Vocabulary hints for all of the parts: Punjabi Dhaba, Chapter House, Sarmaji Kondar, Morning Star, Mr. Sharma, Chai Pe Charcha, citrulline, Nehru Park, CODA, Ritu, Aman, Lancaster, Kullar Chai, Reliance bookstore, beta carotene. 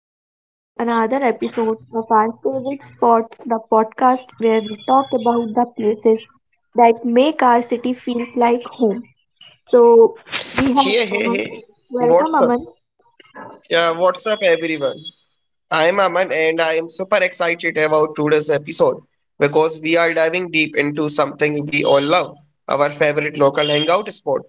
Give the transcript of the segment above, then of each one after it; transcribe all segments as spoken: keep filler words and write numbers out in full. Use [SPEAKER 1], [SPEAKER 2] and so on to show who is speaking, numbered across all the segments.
[SPEAKER 1] Welcome back to another episode of our favorite spots, the podcast where we talk about the places that make our city feels like home. So we have
[SPEAKER 2] Hey,
[SPEAKER 1] Aman.
[SPEAKER 2] hey, hey.
[SPEAKER 1] Welcome
[SPEAKER 2] What's
[SPEAKER 1] Aman
[SPEAKER 2] up? Yeah, what's up, everyone? I'm Aman and I am super excited about today's episode because we are diving deep into something we all love our favorite local hangout spot.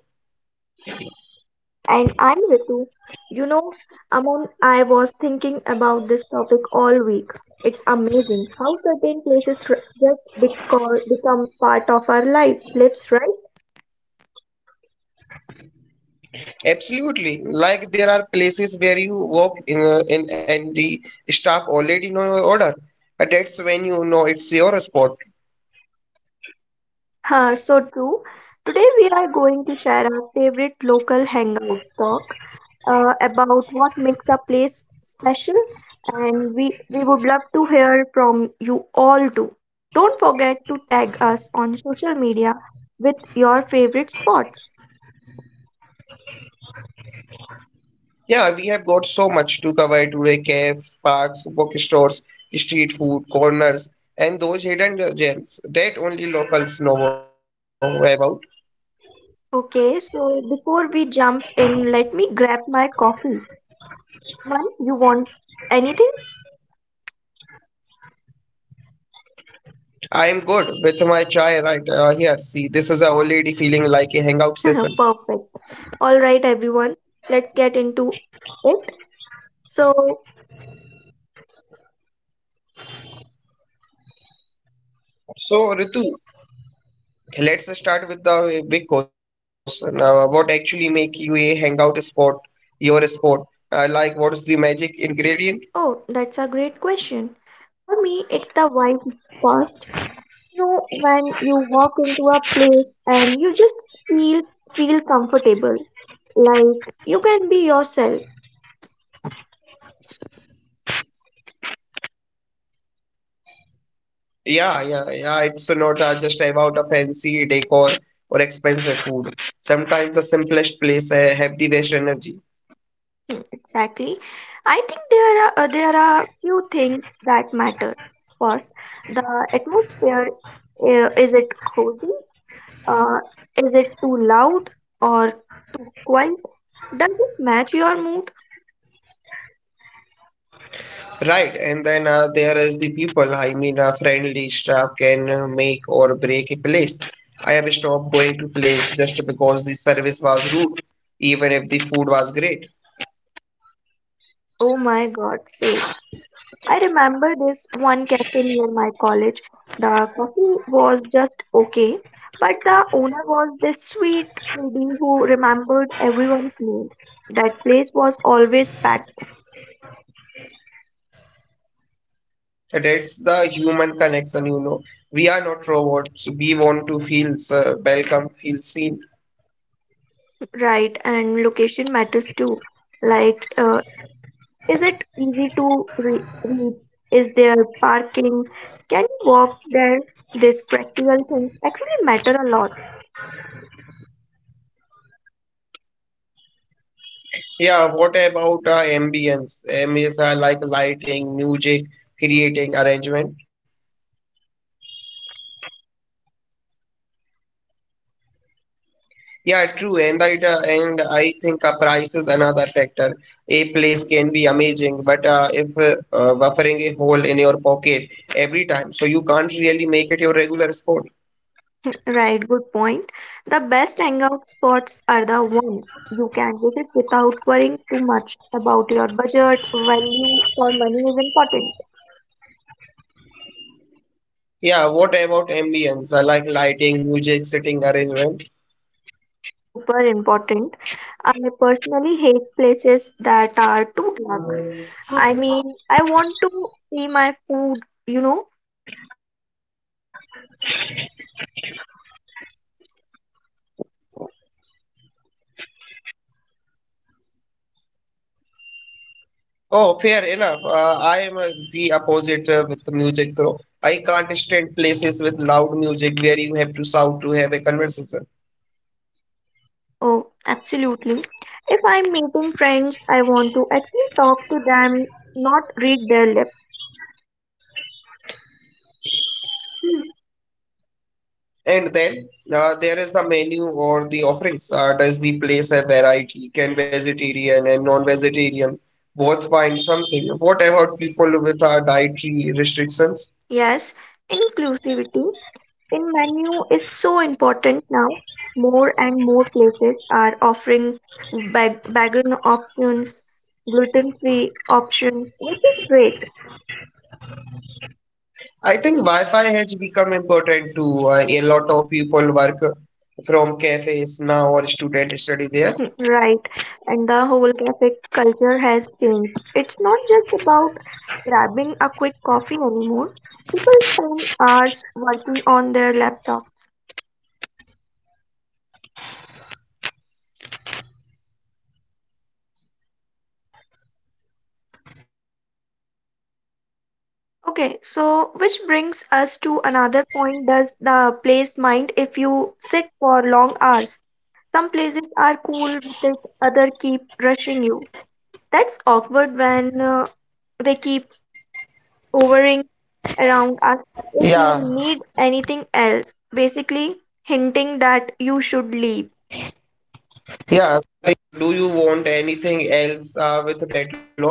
[SPEAKER 1] and I'm Ritu. You know, Aman, I was thinking about this topic all week. It's amazing how certain places r- just beco- become part of our life, lives, right?
[SPEAKER 2] Absolutely. Like there are places where you walk in, uh, in and the staff already know your order. But that's when you know it's your spot.
[SPEAKER 1] Huh, so true. Today we are going to share our favorite local hangout spots uh, about what makes a place special, and we, we would love to hear from you all too. Don't forget to tag us on social media with your favorite spots.
[SPEAKER 2] Yeah, we have got so much to cover today: cafes, parks, bookstores, street food, corners, and those hidden gems that only locals know about.
[SPEAKER 1] Okay, so before we jump in, let me grab my coffee. Man, you want anything?
[SPEAKER 2] I am good with my chai right uh, here. See, this is already feeling like a hangout session.
[SPEAKER 1] Perfect. All right, everyone, let's get into it. So,
[SPEAKER 2] So, Ritu, let's start with the big question. Uh, what actually make you a hangout spot, your spot? Uh, like, what's the magic ingredient?
[SPEAKER 1] oh, that's a great question. For me, it's the vibe first know when you walk into a place and you just feel feel comfortable like you can be yourself.
[SPEAKER 2] Yeah, yeah, yeah. It's not uh, just about a fancy decor or expensive food. Sometimes the simplest place uh, have the best energy,
[SPEAKER 1] Hmm, exactly. I think there are uh, there are few things that matter first. The atmosphere, uh, is it cozy, uh, is it too loud or too quiet, does it match your mood?
[SPEAKER 2] right? And then uh, there is the people. I mean, a friendly staff can uh, make or break a place. I have stopped going to place just because the service was rude, even if the food was great.
[SPEAKER 1] Oh my god, same. I remember this one cafe near my college. The coffee was just okay, but the owner was this sweet lady who remembered everyone's name. That place was always packed.
[SPEAKER 2] That's the human connection, you know. We are not robots. We want to feel uh, welcome, feel seen.
[SPEAKER 1] Right, and location matters too. Like, uh, is it easy to re- reach? Is there parking? Can you walk there? These practical things actually matter a lot.
[SPEAKER 2] Yeah, what about uh, ambience? Ambience are like lighting, music, creating, arrangement. Yeah, true. And that, uh, and I think uh, price is another factor. A place can be amazing, but uh, if uh, uh, buffering a hole in your pocket every time, so you can't really make it your regular sport.
[SPEAKER 1] Right, good point. The best hangout spots are the ones you can visit without worrying too much about your budget. Value for money is important,
[SPEAKER 2] Yeah, what about ambience? Uh, like lighting, music, sitting arrangement.
[SPEAKER 1] super important. I personally hate places that are too dark. I mean, I want to see my food, you know.
[SPEAKER 2] Oh, fair enough. Uh, I am uh, the opposite uh, with the music, though. I can't stand places with loud music where you have to shout to have a conversation.
[SPEAKER 1] Oh, absolutely. If I'm meeting friends, I want to actually talk to them, not read their lips.
[SPEAKER 2] And then uh, there is the menu or the offerings. Uh, does the place have variety? Can vegetarian and non-vegetarian both find something? What about people with uh, dietary restrictions?
[SPEAKER 1] Yes, inclusivity in menu is so important now. More and more places are offering bag- vegan options, gluten-free options, which is great.
[SPEAKER 2] I think Wi-Fi has become important too. Uh, a lot of people work from cafes now or student study there
[SPEAKER 1] Hmm, right? And the whole cafe culture has changed. It's not just about grabbing a quick coffee anymore. People spend hours working on their laptops. Okay, so which brings us to another point: does the place mind if you sit for long hours? Some places are cool with it, other keep rushing you. That's awkward when uh, they keep overing around us if you need anything else, basically hinting that you should leave.
[SPEAKER 2] law.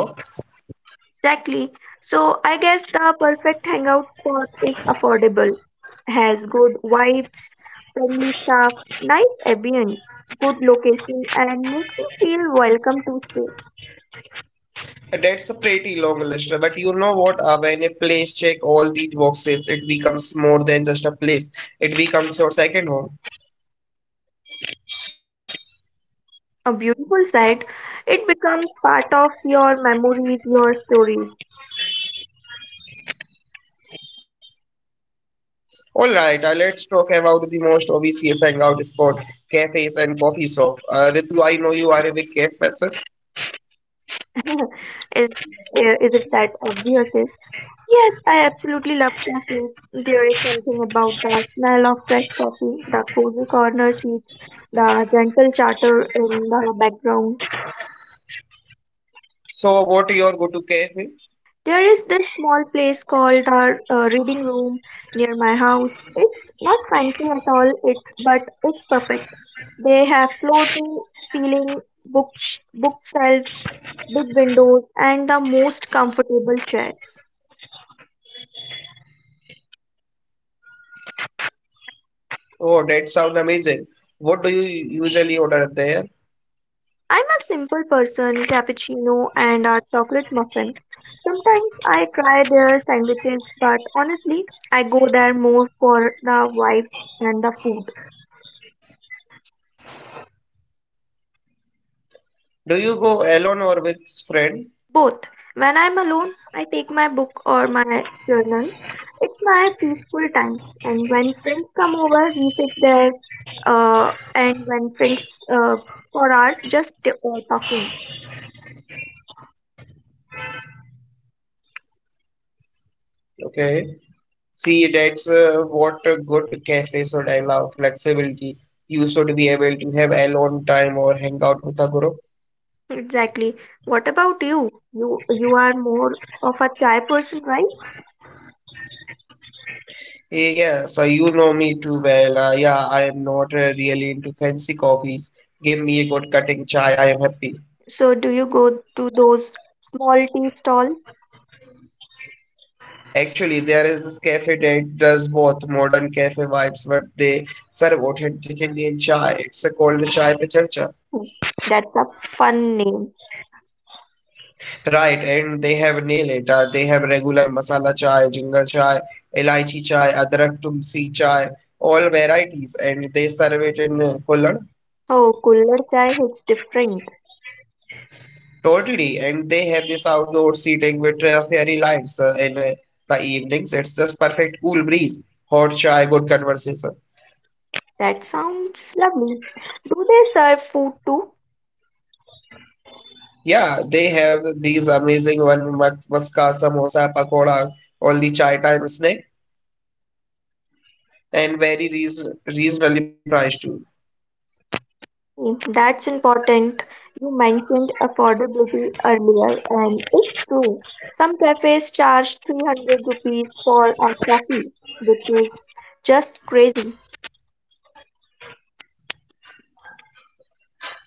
[SPEAKER 1] Exactly. So I guess the perfect hangout spot is affordable, has good vibes, friendly staff, nice ambience, good location, and makes you feel welcome to stay.
[SPEAKER 2] That's a pretty long list, but you know what? Uh, when a place check all these boxes, it becomes more than just a place. It becomes your second home.
[SPEAKER 1] A beautiful site, it becomes part of your memories, your stories.
[SPEAKER 2] All right, uh, let's talk about the most obvious hangout spot, cafes and coffee shop. Uh, Ritu, I know you are a big cafe person.
[SPEAKER 1] Is eh, is it that obvious? Yes, I absolutely love cafes. There is something about the smell of fresh coffee, the cozy corner seats, the gentle chatter in the background.
[SPEAKER 2] So, what your go-to cafe?
[SPEAKER 1] There is this small place called the uh, Reading Room near my house. It's not fancy at all, it but it's perfect. They have floor to ceiling books, bookshelves, big windows, and the most comfortable chairs.
[SPEAKER 2] Oh, that sounds amazing. What do you usually order there?
[SPEAKER 1] I'm a simple person, cappuccino and a chocolate muffin. Sometimes I try their sandwiches, but honestly, I go there more for the vibe and the food.
[SPEAKER 2] Do you go alone or with friend?
[SPEAKER 1] Both. When I'm alone, I take my book or my journal. It's my peaceful time. And when friends come over, we sit there. Uh, and when friends uh, for hours, just uh, talking.
[SPEAKER 2] Okay. See, that's uh, what a good cafe should allow flexibility. You should be able to have alone time or hang out with a group.
[SPEAKER 1] Exactly. What about you? You you are more of a chai person, right?
[SPEAKER 2] Eh, Yeah, so you know me too well. Uh, yeah, I am not uh, really into fancy coffees. Give me a good cutting chai, I am happy.
[SPEAKER 1] So do you go to those small tea stalls?
[SPEAKER 2] Actually, there is this cafe that does both modern cafe vibes, but they serve authentic Indian chai. It's uh, called Chai Pe Charcha.
[SPEAKER 1] Hmm, that's a fun name.
[SPEAKER 2] Right, and they have nail it. Uh, they have regular masala chai, ginger chai, elaichi chai, adrak tumsi chai, all varieties, and they serve it in uh, Kulad.
[SPEAKER 1] Oh, Kullar Chai, it's different.
[SPEAKER 2] Totally, and they have this outdoor seating with uh, fairy lights uh, in uh, the evenings. It's just perfect cool breeze, hot chai, good conversation.
[SPEAKER 1] That sounds lovely. Do they serve food too?
[SPEAKER 2] Yeah, they have these amazing one mas- maska, samosa, pakoda, all the chai time snack, and very reason reasonably priced too.
[SPEAKER 1] Hmm, that's important. You mentioned affordability earlier, and it's true. Some cafes charge three hundred rupees for a coffee, which is just crazy.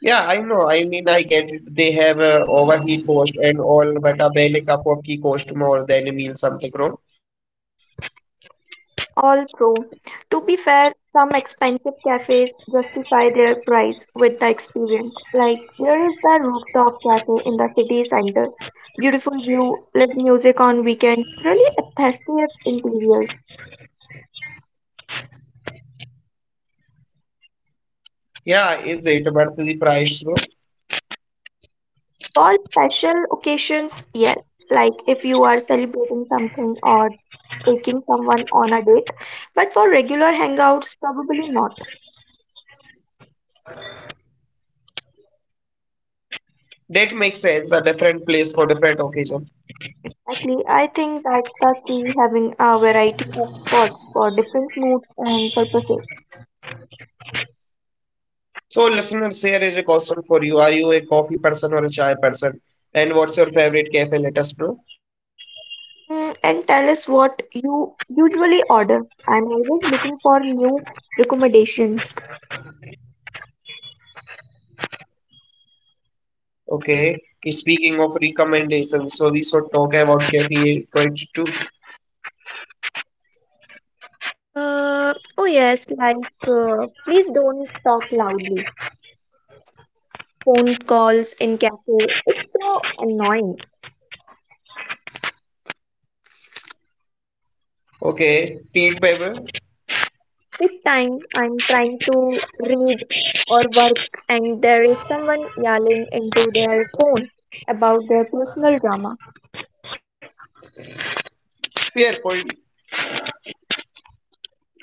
[SPEAKER 2] Yeah, I know. I mean, I get it. They have uh, overheat cost and all, but a belly cup of tea cost more than a meal something, bro.
[SPEAKER 1] All true. To be fair, some expensive cafes justify their price with the experience. Like there is the rooftop cafe in the city center. Beautiful view, live music on weekends, really festive interiors.
[SPEAKER 2] Yeah, is it? But the price, bro.
[SPEAKER 1] For special occasions, yes. Like if you are celebrating something or taking someone on a date. But for regular hangouts, probably not.
[SPEAKER 2] That makes sense. A different place for different occasion.
[SPEAKER 1] Exactly. I think that's the key: having a variety of spots for different moods and purposes.
[SPEAKER 2] So, listeners, here is a question for you. Are you a coffee person or a chai person? And what's your favorite cafe? Let us know.
[SPEAKER 1] Mm, and tell us what you usually order. I'm always looking for new recommendations.
[SPEAKER 2] Okay. Speaking of recommendations, so we should talk about cafe twenty-two.
[SPEAKER 1] Uh, oh yes, like uh, please don't talk loudly. Phone calls in cafe, it's so annoying.
[SPEAKER 2] Okay. Tea, paper.
[SPEAKER 1] With time, I'm trying to read or work, and there is someone yelling into their phone about their personal drama.
[SPEAKER 2] We are going.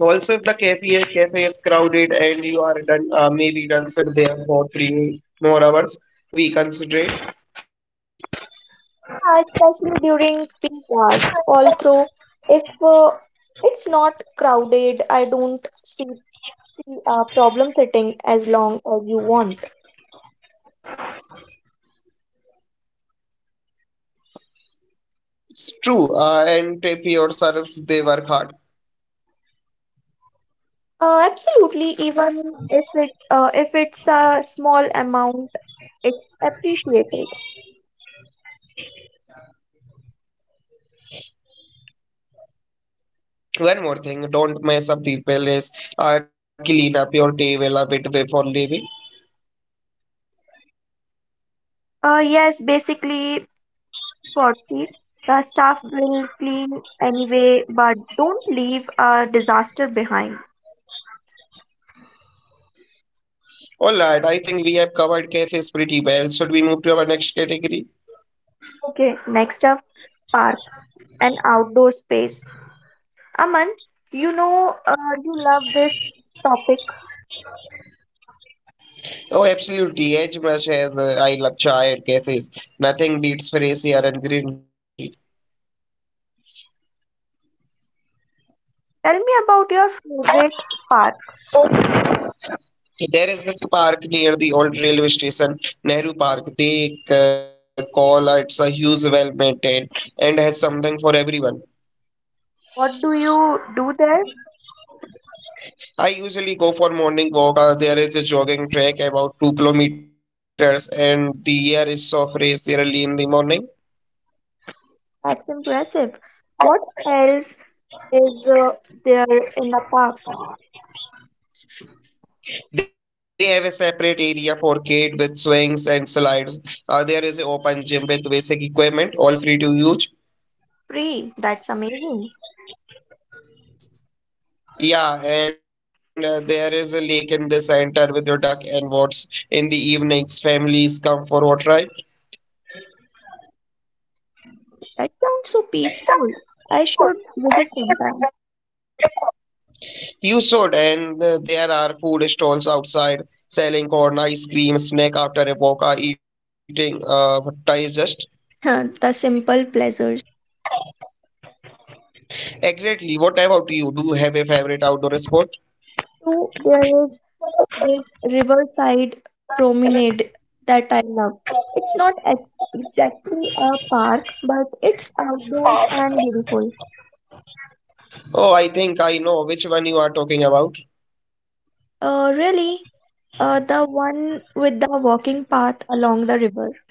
[SPEAKER 2] Also, if the cafe cafe is crowded and you are done, uh, maybe done sit there for three more hours, we consider it.
[SPEAKER 1] Yeah, especially during peak hours. Also, if uh, it's not crowded, I don't see the uh, problem sitting as long as you want.
[SPEAKER 2] It's true. Uh, and tip your serves, they work hard.
[SPEAKER 1] Uh, absolutely. Even if it uh, if it's a small amount, it's appreciated.
[SPEAKER 2] One more thing, don't mess up the place. Uh, clean up your table a bit before leaving.
[SPEAKER 1] Uh, yes, basically forty. The staff will clean anyway, but don't leave a disaster behind.
[SPEAKER 2] All right, I think we have covered cafes pretty well. Should we move to our next category?
[SPEAKER 1] Okay, next up, park, an outdoor space. Aman, you know uh, you love this topic.
[SPEAKER 2] Oh, absolutely. As much as uh, I love chai and cafes, nothing beats fresh air and greenery.
[SPEAKER 1] Tell me about your favorite part.
[SPEAKER 2] There is this park near the old railway station, Nehru Park. They uh, call it's a huge, well maintained, and has something for everyone.
[SPEAKER 1] What do you do there?
[SPEAKER 2] I usually go for morning walk. Uh, there is a jogging track about two kilometers, and the air is so fresh early in the morning.
[SPEAKER 1] That's impressive. What else is uh, there in the park?
[SPEAKER 2] They have a separate area for kids with swings and slides. Uh, there is an open gym with basic equipment, all free to use.
[SPEAKER 1] Free. That's amazing.
[SPEAKER 2] Yeah, and uh, there is a lake in the center with your duck and boats. In the evenings, families come for water, right?
[SPEAKER 1] That sounds so peaceful. I should visit sometime.
[SPEAKER 2] You should, and uh, there are food stalls outside selling corn, ice cream, snack after a walk, uh, eating uh, digest.
[SPEAKER 1] The simple pleasures.
[SPEAKER 2] Exactly. What about you? Do you have a favorite outdoor sport?
[SPEAKER 1] So there is this riverside promenade that I love. It's not ex- exactly a park, but it's outdoors and beautiful.
[SPEAKER 2] Oh, I think I talking about.
[SPEAKER 1] Uh, really, uh, the one with the walking path along the river.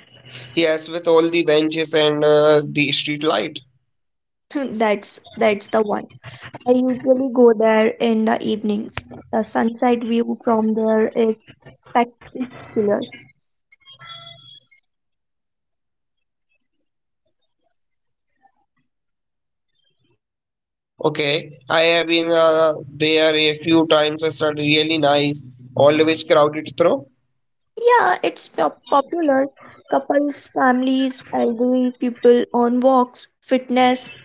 [SPEAKER 2] Yes, with all the benches and uh, the street light.
[SPEAKER 1] that's that's the one. I usually go there in the evenings. The sunset view from there is spectacular.
[SPEAKER 2] Okay, I have been uh, there a few times. It's uh, really nice. Always crowded through.
[SPEAKER 1] Yeah, it's pop- popular. Couples, families, elderly people on walks, fitness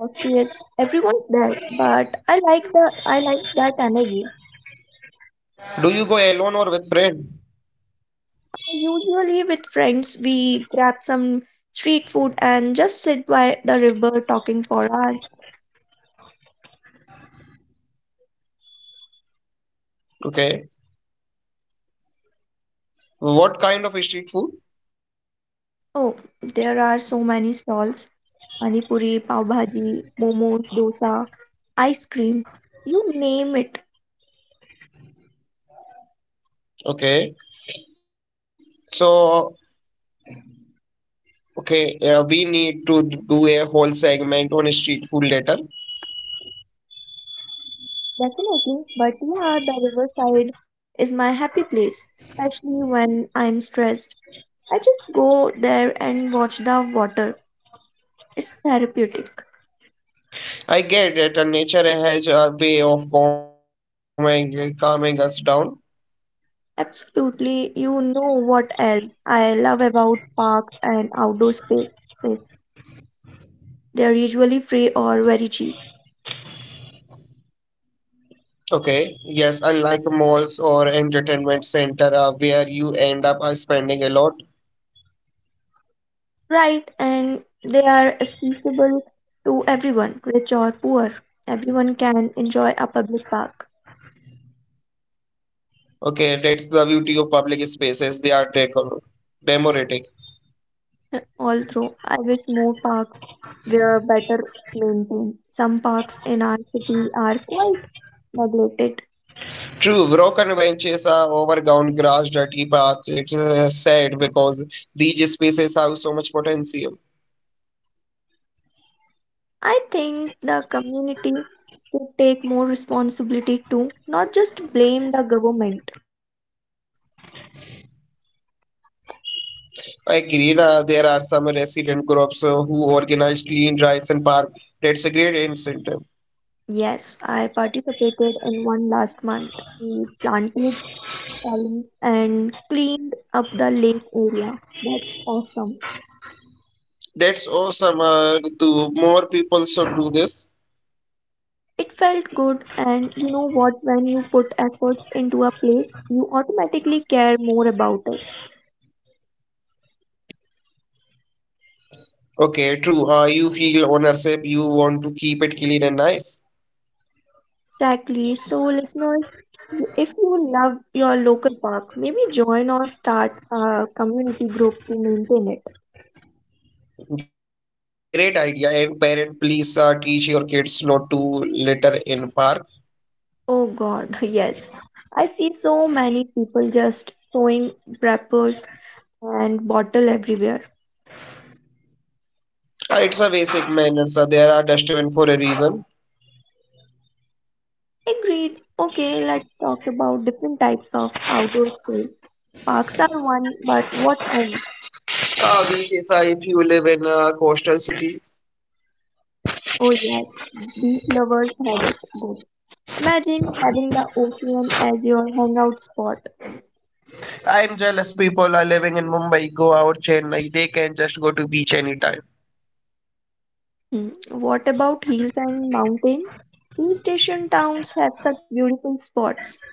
[SPEAKER 1] hostage. Everyone's there, but I like the I like that energy.
[SPEAKER 2] Do you go alone or with friend?
[SPEAKER 1] Usually with friends, we grab some street food and just sit by the river talking for hours.
[SPEAKER 2] Okay. What kind of street food?
[SPEAKER 1] Oh, there are so many stalls: pani puri, pav bhaji, momos, dosa, ice cream. You name it,
[SPEAKER 2] Okay. So, okay, uh, we need to do a whole segment on street food later.
[SPEAKER 1] definitely. But yeah, the riverside is my happy place, especially when I'm stressed. I just go there and watch the water. It's therapeutic.
[SPEAKER 2] I has a way of calming, calming us down.
[SPEAKER 1] Absolutely. You know what else I love about parks and outdoor spaces? They are usually free or very cheap,
[SPEAKER 2] Okay. Yes, unlike malls or entertainment center, uh, where you end up uh, spending a lot.
[SPEAKER 1] right? And they are accessible to everyone, rich or poor. Everyone can enjoy a public park.
[SPEAKER 2] Okay, that's the beauty of public spaces. They are deco- democratic.
[SPEAKER 1] Although I wish more parks were better maintained. Some parks in our city are quite neglected.
[SPEAKER 2] True, broken benches are overgrown grass, dirty paths. It's uh, sad because these spaces have so much potential.
[SPEAKER 1] I think the community should take more responsibility too, not just blame the government.
[SPEAKER 2] I agree, uh, there are some resident groups uh, who organize clean drives and park. That's a great incentive.
[SPEAKER 1] Yes, I participated in one last month. We planted palms and cleaned up the lake area. That's awesome.
[SPEAKER 2] That's awesome. Uh, to more people should do this.
[SPEAKER 1] It felt good, and you know what? When you put efforts into a place, you automatically care more about it.
[SPEAKER 2] Okay, true. Uh, you feel ownership. You want to keep it clean and nice.
[SPEAKER 1] Exactly. So, listeners, if you love your local park, maybe join or start a community group to maintain it.
[SPEAKER 2] Great idea. And parent, please uh, teach your kids not to litter in park.
[SPEAKER 1] Oh, God, yes. I see so many people just throwing wrappers and bottle everywhere.
[SPEAKER 2] Uh, it's a basic manner. So there are dustbin for a reason.
[SPEAKER 1] Agreed. Okay, let's talk about different types of outdoor space. Parks are one, but what else?
[SPEAKER 2] Uh, which is uh, if you live in a coastal city.
[SPEAKER 1] Oh, yes, beach lovers have it good. Imagine having the ocean as your hangout spot.
[SPEAKER 2] I'm jealous. People are living in Mumbai. Go out Chennai. They can just go to beach anytime.
[SPEAKER 1] Hmm, what about hills and mountains? Hill station towns have such beautiful spots.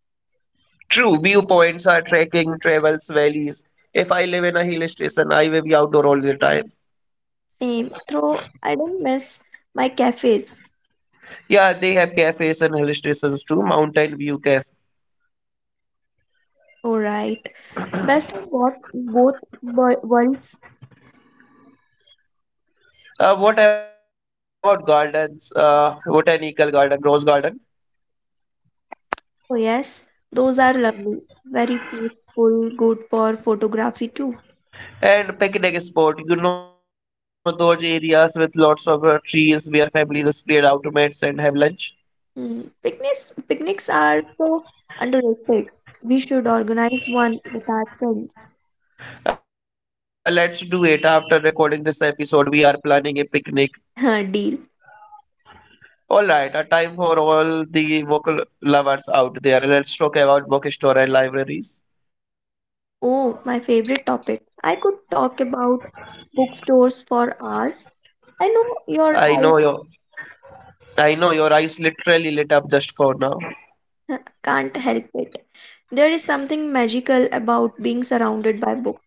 [SPEAKER 2] True. Viewpoints are trekking, travels, valleys. If I live in a hill station, I will be outdoor all the time.
[SPEAKER 1] Same, though I don't miss my cafes.
[SPEAKER 2] Yeah, they have cafes and hill stations too. Mountain View Cafe.
[SPEAKER 1] Alright. Best of both, both wo- worlds.
[SPEAKER 2] Uh, what about gardens, uh, botanical garden, rose garden,
[SPEAKER 1] Oh, yes, those are lovely. Very peaceful, good for photography too.
[SPEAKER 2] and picnic spot? You know, those areas with lots of uh, trees where families spread out, mates, and have lunch.
[SPEAKER 1] Mm, Picnics, picnics are so underrated. We should organize one with our friends.
[SPEAKER 2] Uh, let's do it after recording this episode. We are planning a picnic.
[SPEAKER 1] Deal.
[SPEAKER 2] All right, a time for all the vocal lovers out there. Let's talk about bookstore and libraries.
[SPEAKER 1] Oh, my favorite topic. I could talk about bookstores for hours. I know your eyes
[SPEAKER 2] I know your, I know your eyes literally lit up just for now.
[SPEAKER 1] huh, can't help it. There is something magical about being surrounded by books.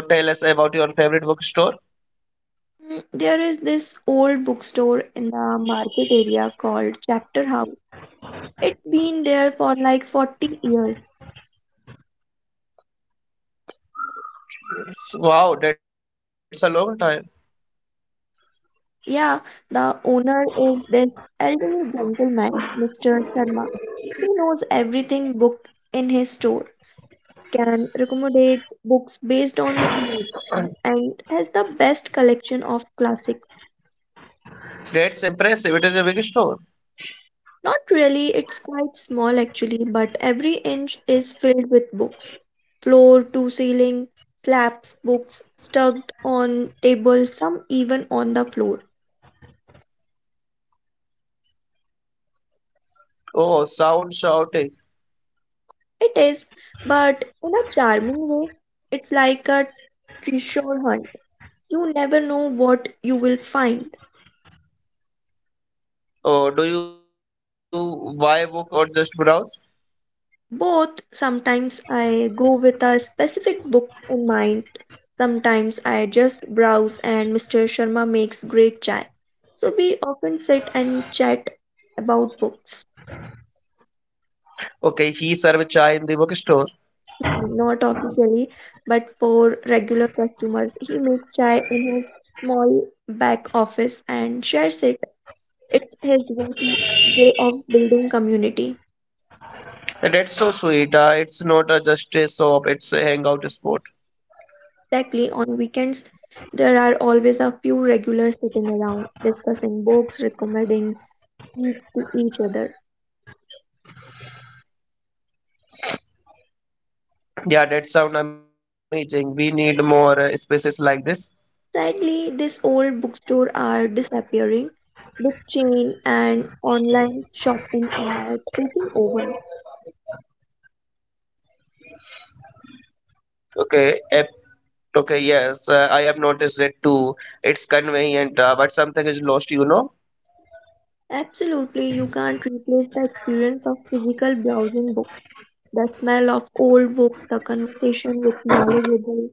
[SPEAKER 2] Okay, so tell us about your favorite bookstore.
[SPEAKER 1] Mm, there is this old bookstore in the market area called Chapter House. It's been there for like forty years.
[SPEAKER 2] Wow, that's a long time.
[SPEAKER 1] Yeah, the owner is this elderly gentleman, mister Sharma. He knows everything book in his store. Can recommendate books based on your mood and has the best collection of classics.
[SPEAKER 2] That's impressive. It is a big store.
[SPEAKER 1] Not really, it's quite small actually, but every inch is filled with books. Floor to ceiling, slabs, books stuck on tables, some even on the floor.
[SPEAKER 2] Oh, sound shouting.
[SPEAKER 1] It is, but in a charming way. It's like a treasure hunt. You never know what you will find.
[SPEAKER 2] Oh, do you buy book or just browse?
[SPEAKER 1] Both, sometimes I go with a specific book in mind, sometimes I just browse, and mister Sharma makes great chai. So we often sit and chat about books,
[SPEAKER 2] Okay, he served chai in the bookstore.
[SPEAKER 1] not officially, but for regular customers. He makes chai in his small back office and shares it. It's his way to way of building community.
[SPEAKER 2] That's so sweet. Uh, it's not uh, just a shop, it's a hangout spot.
[SPEAKER 1] Exactly. On weekends, there are always a few regulars sitting around, discussing books, recommending reads to each other.
[SPEAKER 2] Yeah, that sound amazing. We need more uh, spaces like this.
[SPEAKER 1] Sadly, these old bookstores are disappearing, with chain and online shopping are taking over.
[SPEAKER 2] Okay, ep- okay, yes, uh, I have noticed it too. It's convenient, uh, but something is lost, you know.
[SPEAKER 1] Absolutely, you can't replace the experience of physical browsing books. The smell of old books, the conversation with knowledgeable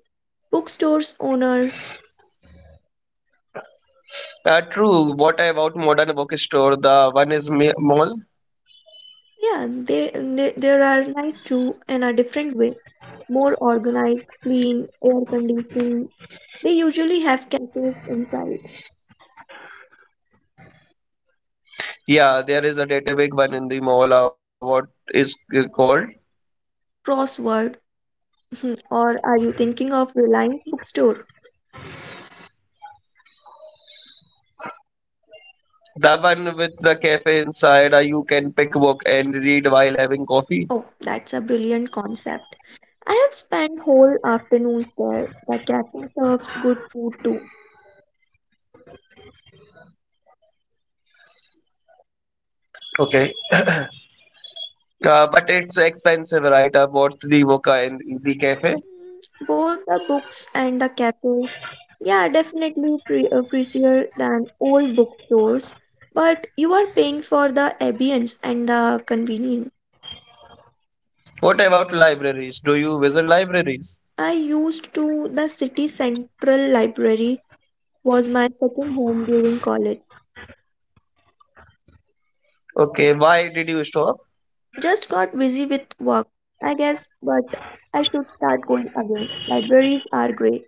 [SPEAKER 1] bookstores owner.
[SPEAKER 2] Uh, true. What about modern bookstore? The one is ma- mall.
[SPEAKER 1] Yeah, they, they there are nice too in a different way. More organized, clean, air conditioned. They usually have cafes inside,
[SPEAKER 2] Yeah, there is a dirty big one in the mall, uh, what is it called?
[SPEAKER 1] crossword, or are you thinking of Reliance bookstore?
[SPEAKER 2] The one with the cafe inside, uh, you can pick book and read while having coffee.
[SPEAKER 1] Oh, that's a brilliant concept. I have spent whole afternoons there. The cafe serves good food too.
[SPEAKER 2] Okay. Uh, but it's expensive, right? Uh, what the Woka and the cafe?
[SPEAKER 1] Both the books and the cafe, yeah, definitely pre- uh, prettier than old bookstores, but you are paying for the ambience and the convenience.
[SPEAKER 2] What about libraries? Do you visit libraries?
[SPEAKER 1] I used to the city central library was my second home during college.
[SPEAKER 2] Okay, why did you stop?
[SPEAKER 1] Just got busy with work, I guess, but I should start going again. Libraries are great.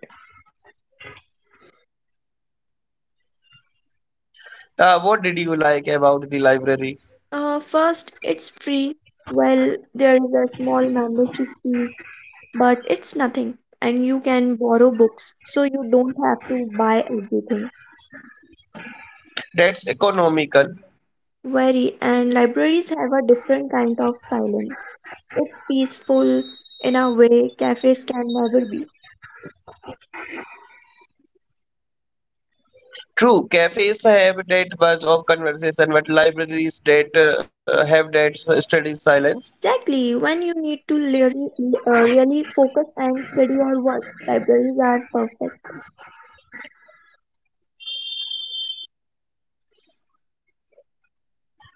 [SPEAKER 2] Uh, what did you like about the library?
[SPEAKER 1] Uh, first, it's free. Well, there is a small membership fee but it's nothing, and you can borrow books, so you don't have to buy everything.
[SPEAKER 2] That's economical.
[SPEAKER 1] Very, and libraries have a different kind of silence. It's peaceful in a way cafes can never be.
[SPEAKER 2] True, cafes have that buzz of conversation, but libraries that uh, have that s- study silence.
[SPEAKER 1] Exactly, when you need to really, uh, really focus and study or work, libraries are perfect.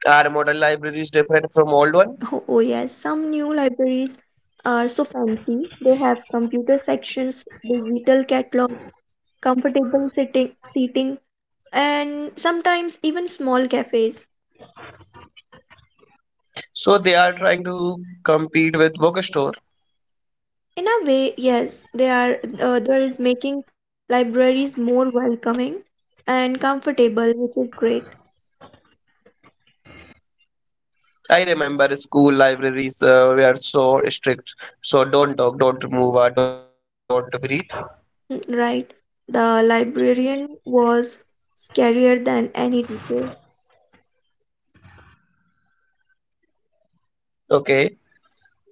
[SPEAKER 2] Our modern library is different from old one,
[SPEAKER 1] Oh, oh yes, some new libraries are so fancy they have computer sections, digital catalog, comfortable sitting seating, and sometimes even small cafes.
[SPEAKER 2] so they are trying to compete with bookstore.
[SPEAKER 1] In a way, yes, they are, uh, there is making libraries more welcoming and comfortable, which is great.
[SPEAKER 2] I remember school libraries uh, were so strict, so don't talk, don't move, uh, don't breathe.
[SPEAKER 1] Mm, right. The librarian was scarier than any teacher.
[SPEAKER 2] Okay.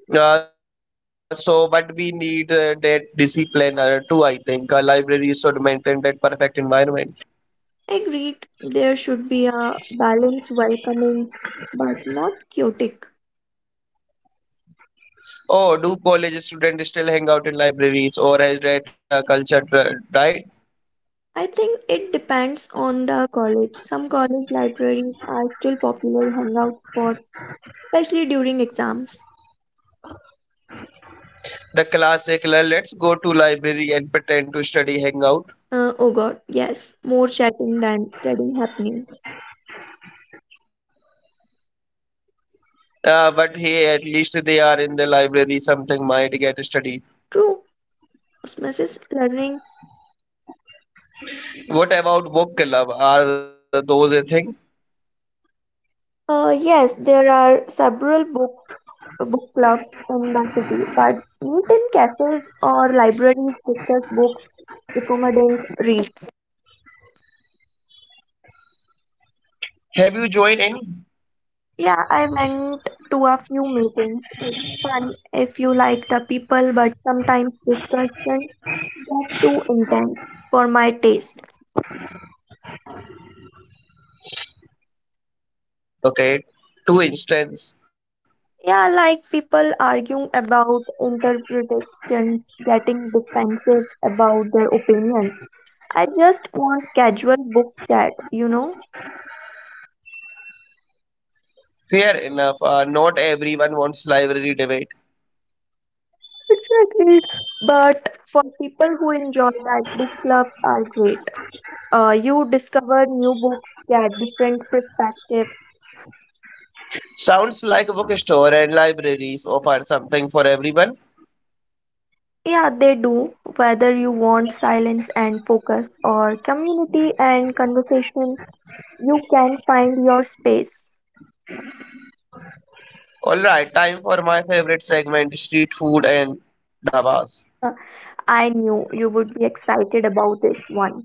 [SPEAKER 2] Uh, so, but we need uh, that discipline uh, too. I think a library should maintain that perfect environment.
[SPEAKER 1] Agreed, there should be a balance, welcoming but not chaotic.
[SPEAKER 2] Oh, do college students still hang out in libraries, or has that uh, culture uh, died?
[SPEAKER 1] I think it depends on the college. Some college libraries are still popular hangout spots, especially during exams.
[SPEAKER 2] The classic, "Le- let's go to library and pretend to study, hang out."
[SPEAKER 1] Uh, oh god, yes, more chatting than studying happening.
[SPEAKER 2] Uh, but hey, at least they are in the library. Something might get studied.
[SPEAKER 1] True, osmosis is learning.
[SPEAKER 2] What about book club? Are those a thing?
[SPEAKER 1] Uh, yes, there are several book book clubs in the city, but meet in cafes or libraries, discuss books, accommodate read.
[SPEAKER 2] Have you joined any?
[SPEAKER 1] Yeah, I went to a few meetings. It's fun if you like the people, but sometimes discussions get too intense for my taste.
[SPEAKER 2] Okay, two instance.
[SPEAKER 1] Yeah, like people arguing about interpretations, getting defensive about their opinions. I just want casual book chat, you know?
[SPEAKER 2] Fair enough. Uh, not everyone wants library debate.
[SPEAKER 1] Exactly. But for people who enjoy that, book clubs are great. Uh, you discover new books, get different perspectives.
[SPEAKER 2] Sounds like bookstore and libraries offer something for everyone.
[SPEAKER 1] Yeah, they do. Whether you want silence and focus or community and conversation, you can find your space.
[SPEAKER 2] All right, time for my favorite segment: street food and dhabas.
[SPEAKER 1] Uh, I knew you would be excited about this one.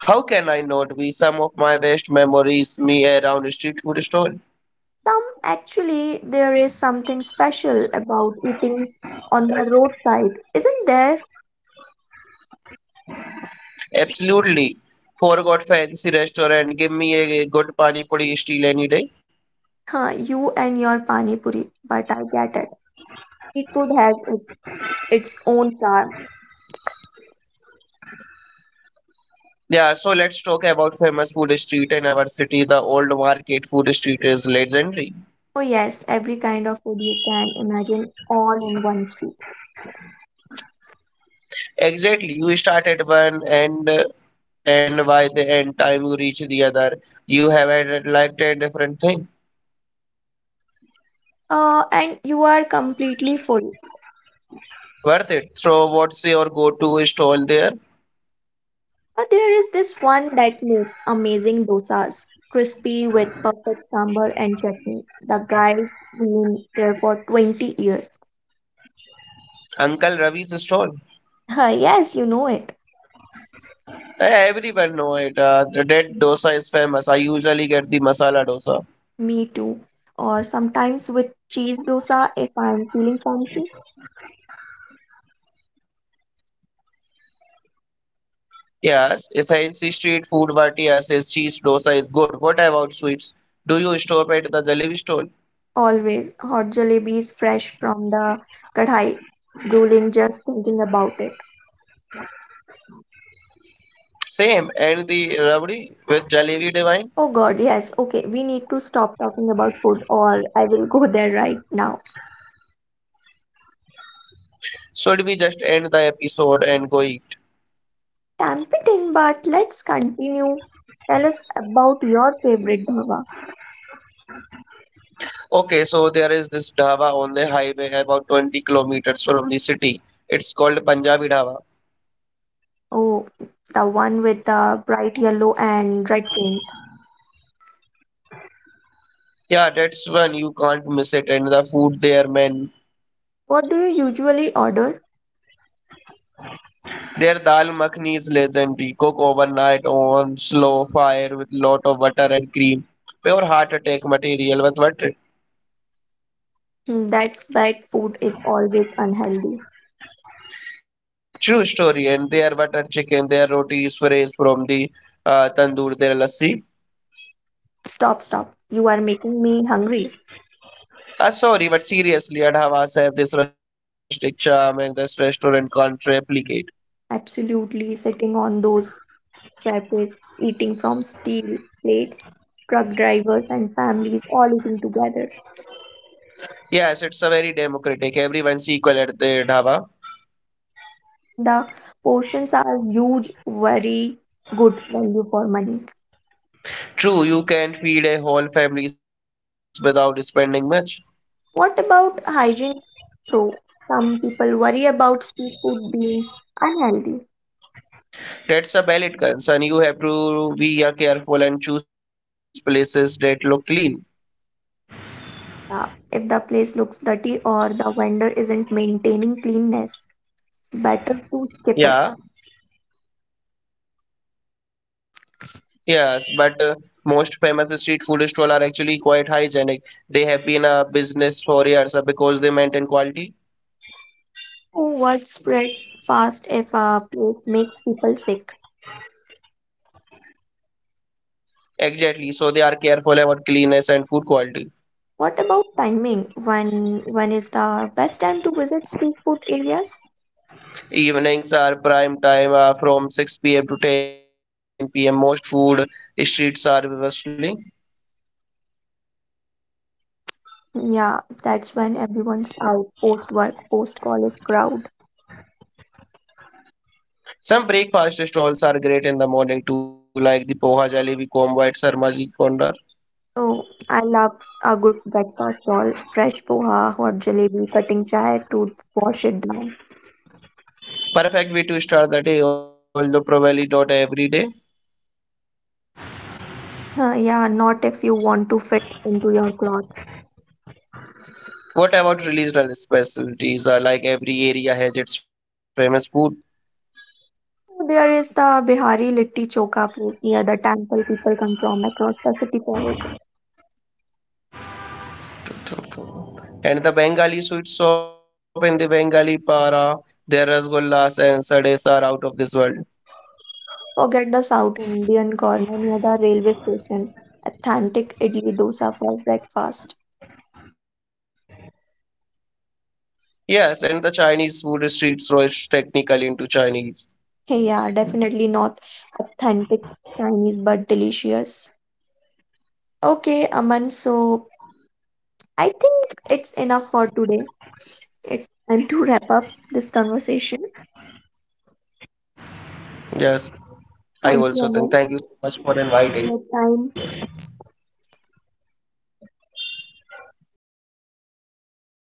[SPEAKER 2] How can I not be? Some of my best memories me around a street food stall.
[SPEAKER 1] Some, actually, there is something special about eating on the roadside, isn't there?
[SPEAKER 2] Absolutely. Forgot fancy restaurant. Give me a good pani puri steal any day.
[SPEAKER 1] Huh, you and your pani puri, but I get it. Street food has it, its own charm.
[SPEAKER 2] Yeah, so let's talk about famous food street in our city. The old market food street is legendary.
[SPEAKER 1] Oh yes, every kind of food you can imagine all in one street.
[SPEAKER 2] Exactly. You start at one and uh, and by the end time you reach the other, you have added like ten different thing.
[SPEAKER 1] Uh, and you are completely full.
[SPEAKER 2] Worth it. So what's your go-to stall there?
[SPEAKER 1] But there is this one that makes amazing dosas, crispy with perfect sambar and chutney. The guy's been there for twenty years.
[SPEAKER 2] Uncle Ravi's stall.
[SPEAKER 1] Yes, you know it.
[SPEAKER 2] Eh, Everyone know it. Uh, that dosa is famous. I usually get the masala dosa.
[SPEAKER 1] Me too. Or sometimes with cheese dosa if I'm feeling fancy.
[SPEAKER 2] Yes, if fancy street food, but yes, is cheese dosa is good. What about sweets? Do you stop at the jalebi stall?
[SPEAKER 1] Always hot jalebis fresh from the kadhai. Drooling just thinking about it.
[SPEAKER 2] Same, and the rabdi with jalebi divine?
[SPEAKER 1] Oh god, yes. Okay, we need to stop talking about food or I will go there right now.
[SPEAKER 2] Should we just end the episode and go eat?
[SPEAKER 1] Tempting, but let's continue. Tell us about your favorite dhaba.
[SPEAKER 2] Okay, so there is this dhaba on the highway about twenty kilometers from the city. It's called Punjabi Dhaba.
[SPEAKER 1] Oh, the one with the bright yellow and red paint.
[SPEAKER 2] Yeah, that's one you can't miss it, and the food there, man.
[SPEAKER 1] What do you usually order?
[SPEAKER 2] Their dal makhni is legendary. Cook overnight on slow fire with lot of butter and cream. Pure heart attack material with butter.
[SPEAKER 1] Hmm, that's bad, food is always unhealthy.
[SPEAKER 2] True story. And their butter chicken, their roti is fresh from the uh, tandoor, their lassi.
[SPEAKER 1] Stop, stop. You are making me hungry.
[SPEAKER 2] Uh, sorry, but seriously, and Hawas have this rustic charm and this restaurant can't replicate.
[SPEAKER 1] Absolutely, sitting on those cafes, eating from steel plates, truck drivers and families all eating together.
[SPEAKER 2] Yes, it's a very democratic. Everyone's equal at the dhaba.
[SPEAKER 1] The portions are huge, very good value for money.
[SPEAKER 2] True, you can feed a whole families without spending much.
[SPEAKER 1] What about hygiene though? Some people worry about street food being unhealthy.
[SPEAKER 2] That's a valid concern. You have to be uh, careful and choose places that look clean.
[SPEAKER 1] Uh, if the place looks dirty or the vendor isn't maintaining cleanness, better to skip
[SPEAKER 2] Yeah,
[SPEAKER 1] it.
[SPEAKER 2] Yes, but uh, most famous street food stalls are actually quite hygienic. They have been a business for years uh, because they maintain quality.
[SPEAKER 1] Oh, word spreads fast if a place makes people sick.
[SPEAKER 2] Exactly, so they are careful about cleanliness and food quality.
[SPEAKER 1] What about timing? When when is the best time to visit street food areas?
[SPEAKER 2] Evenings are prime time uh, from six p m to ten p m. Most food streets are bustling.
[SPEAKER 1] Yeah, that's when everyone's out, post work, post college crowd.
[SPEAKER 2] Some breakfast stalls are great in the morning too, like the poha jalebi, combo at Sarmaji Kondar.
[SPEAKER 1] Oh, I love a good breakfast roll, fresh poha, hot jalebi, cutting chai to wash it down.
[SPEAKER 2] Perfect way to start the day, although probably not every day.
[SPEAKER 1] Huh, yeah, not if you want to fit into your clothes.
[SPEAKER 2] What about regional specialties? Uh, like every area has its famous food.
[SPEAKER 1] So, there is the Bihari Litti Chokha place near the temple, people come from across the city for it.
[SPEAKER 2] And the Bengali sweet shop and the Bengali para, their rasgullas and sades are out of this world.
[SPEAKER 1] Forget the South Indian corner near the railway station. Authentic idli dosa for breakfast.
[SPEAKER 2] Yes, and the Chinese food street throws technically into Chinese.
[SPEAKER 1] Hey, yeah, definitely not authentic Chinese but delicious. Okay, Aman, so I think it's enough for today. It's time to wrap up this conversation.
[SPEAKER 2] Yes,
[SPEAKER 1] Thank you,
[SPEAKER 2] I
[SPEAKER 1] Aman,
[SPEAKER 2] also think. Thank you so
[SPEAKER 1] for your time,
[SPEAKER 2] much.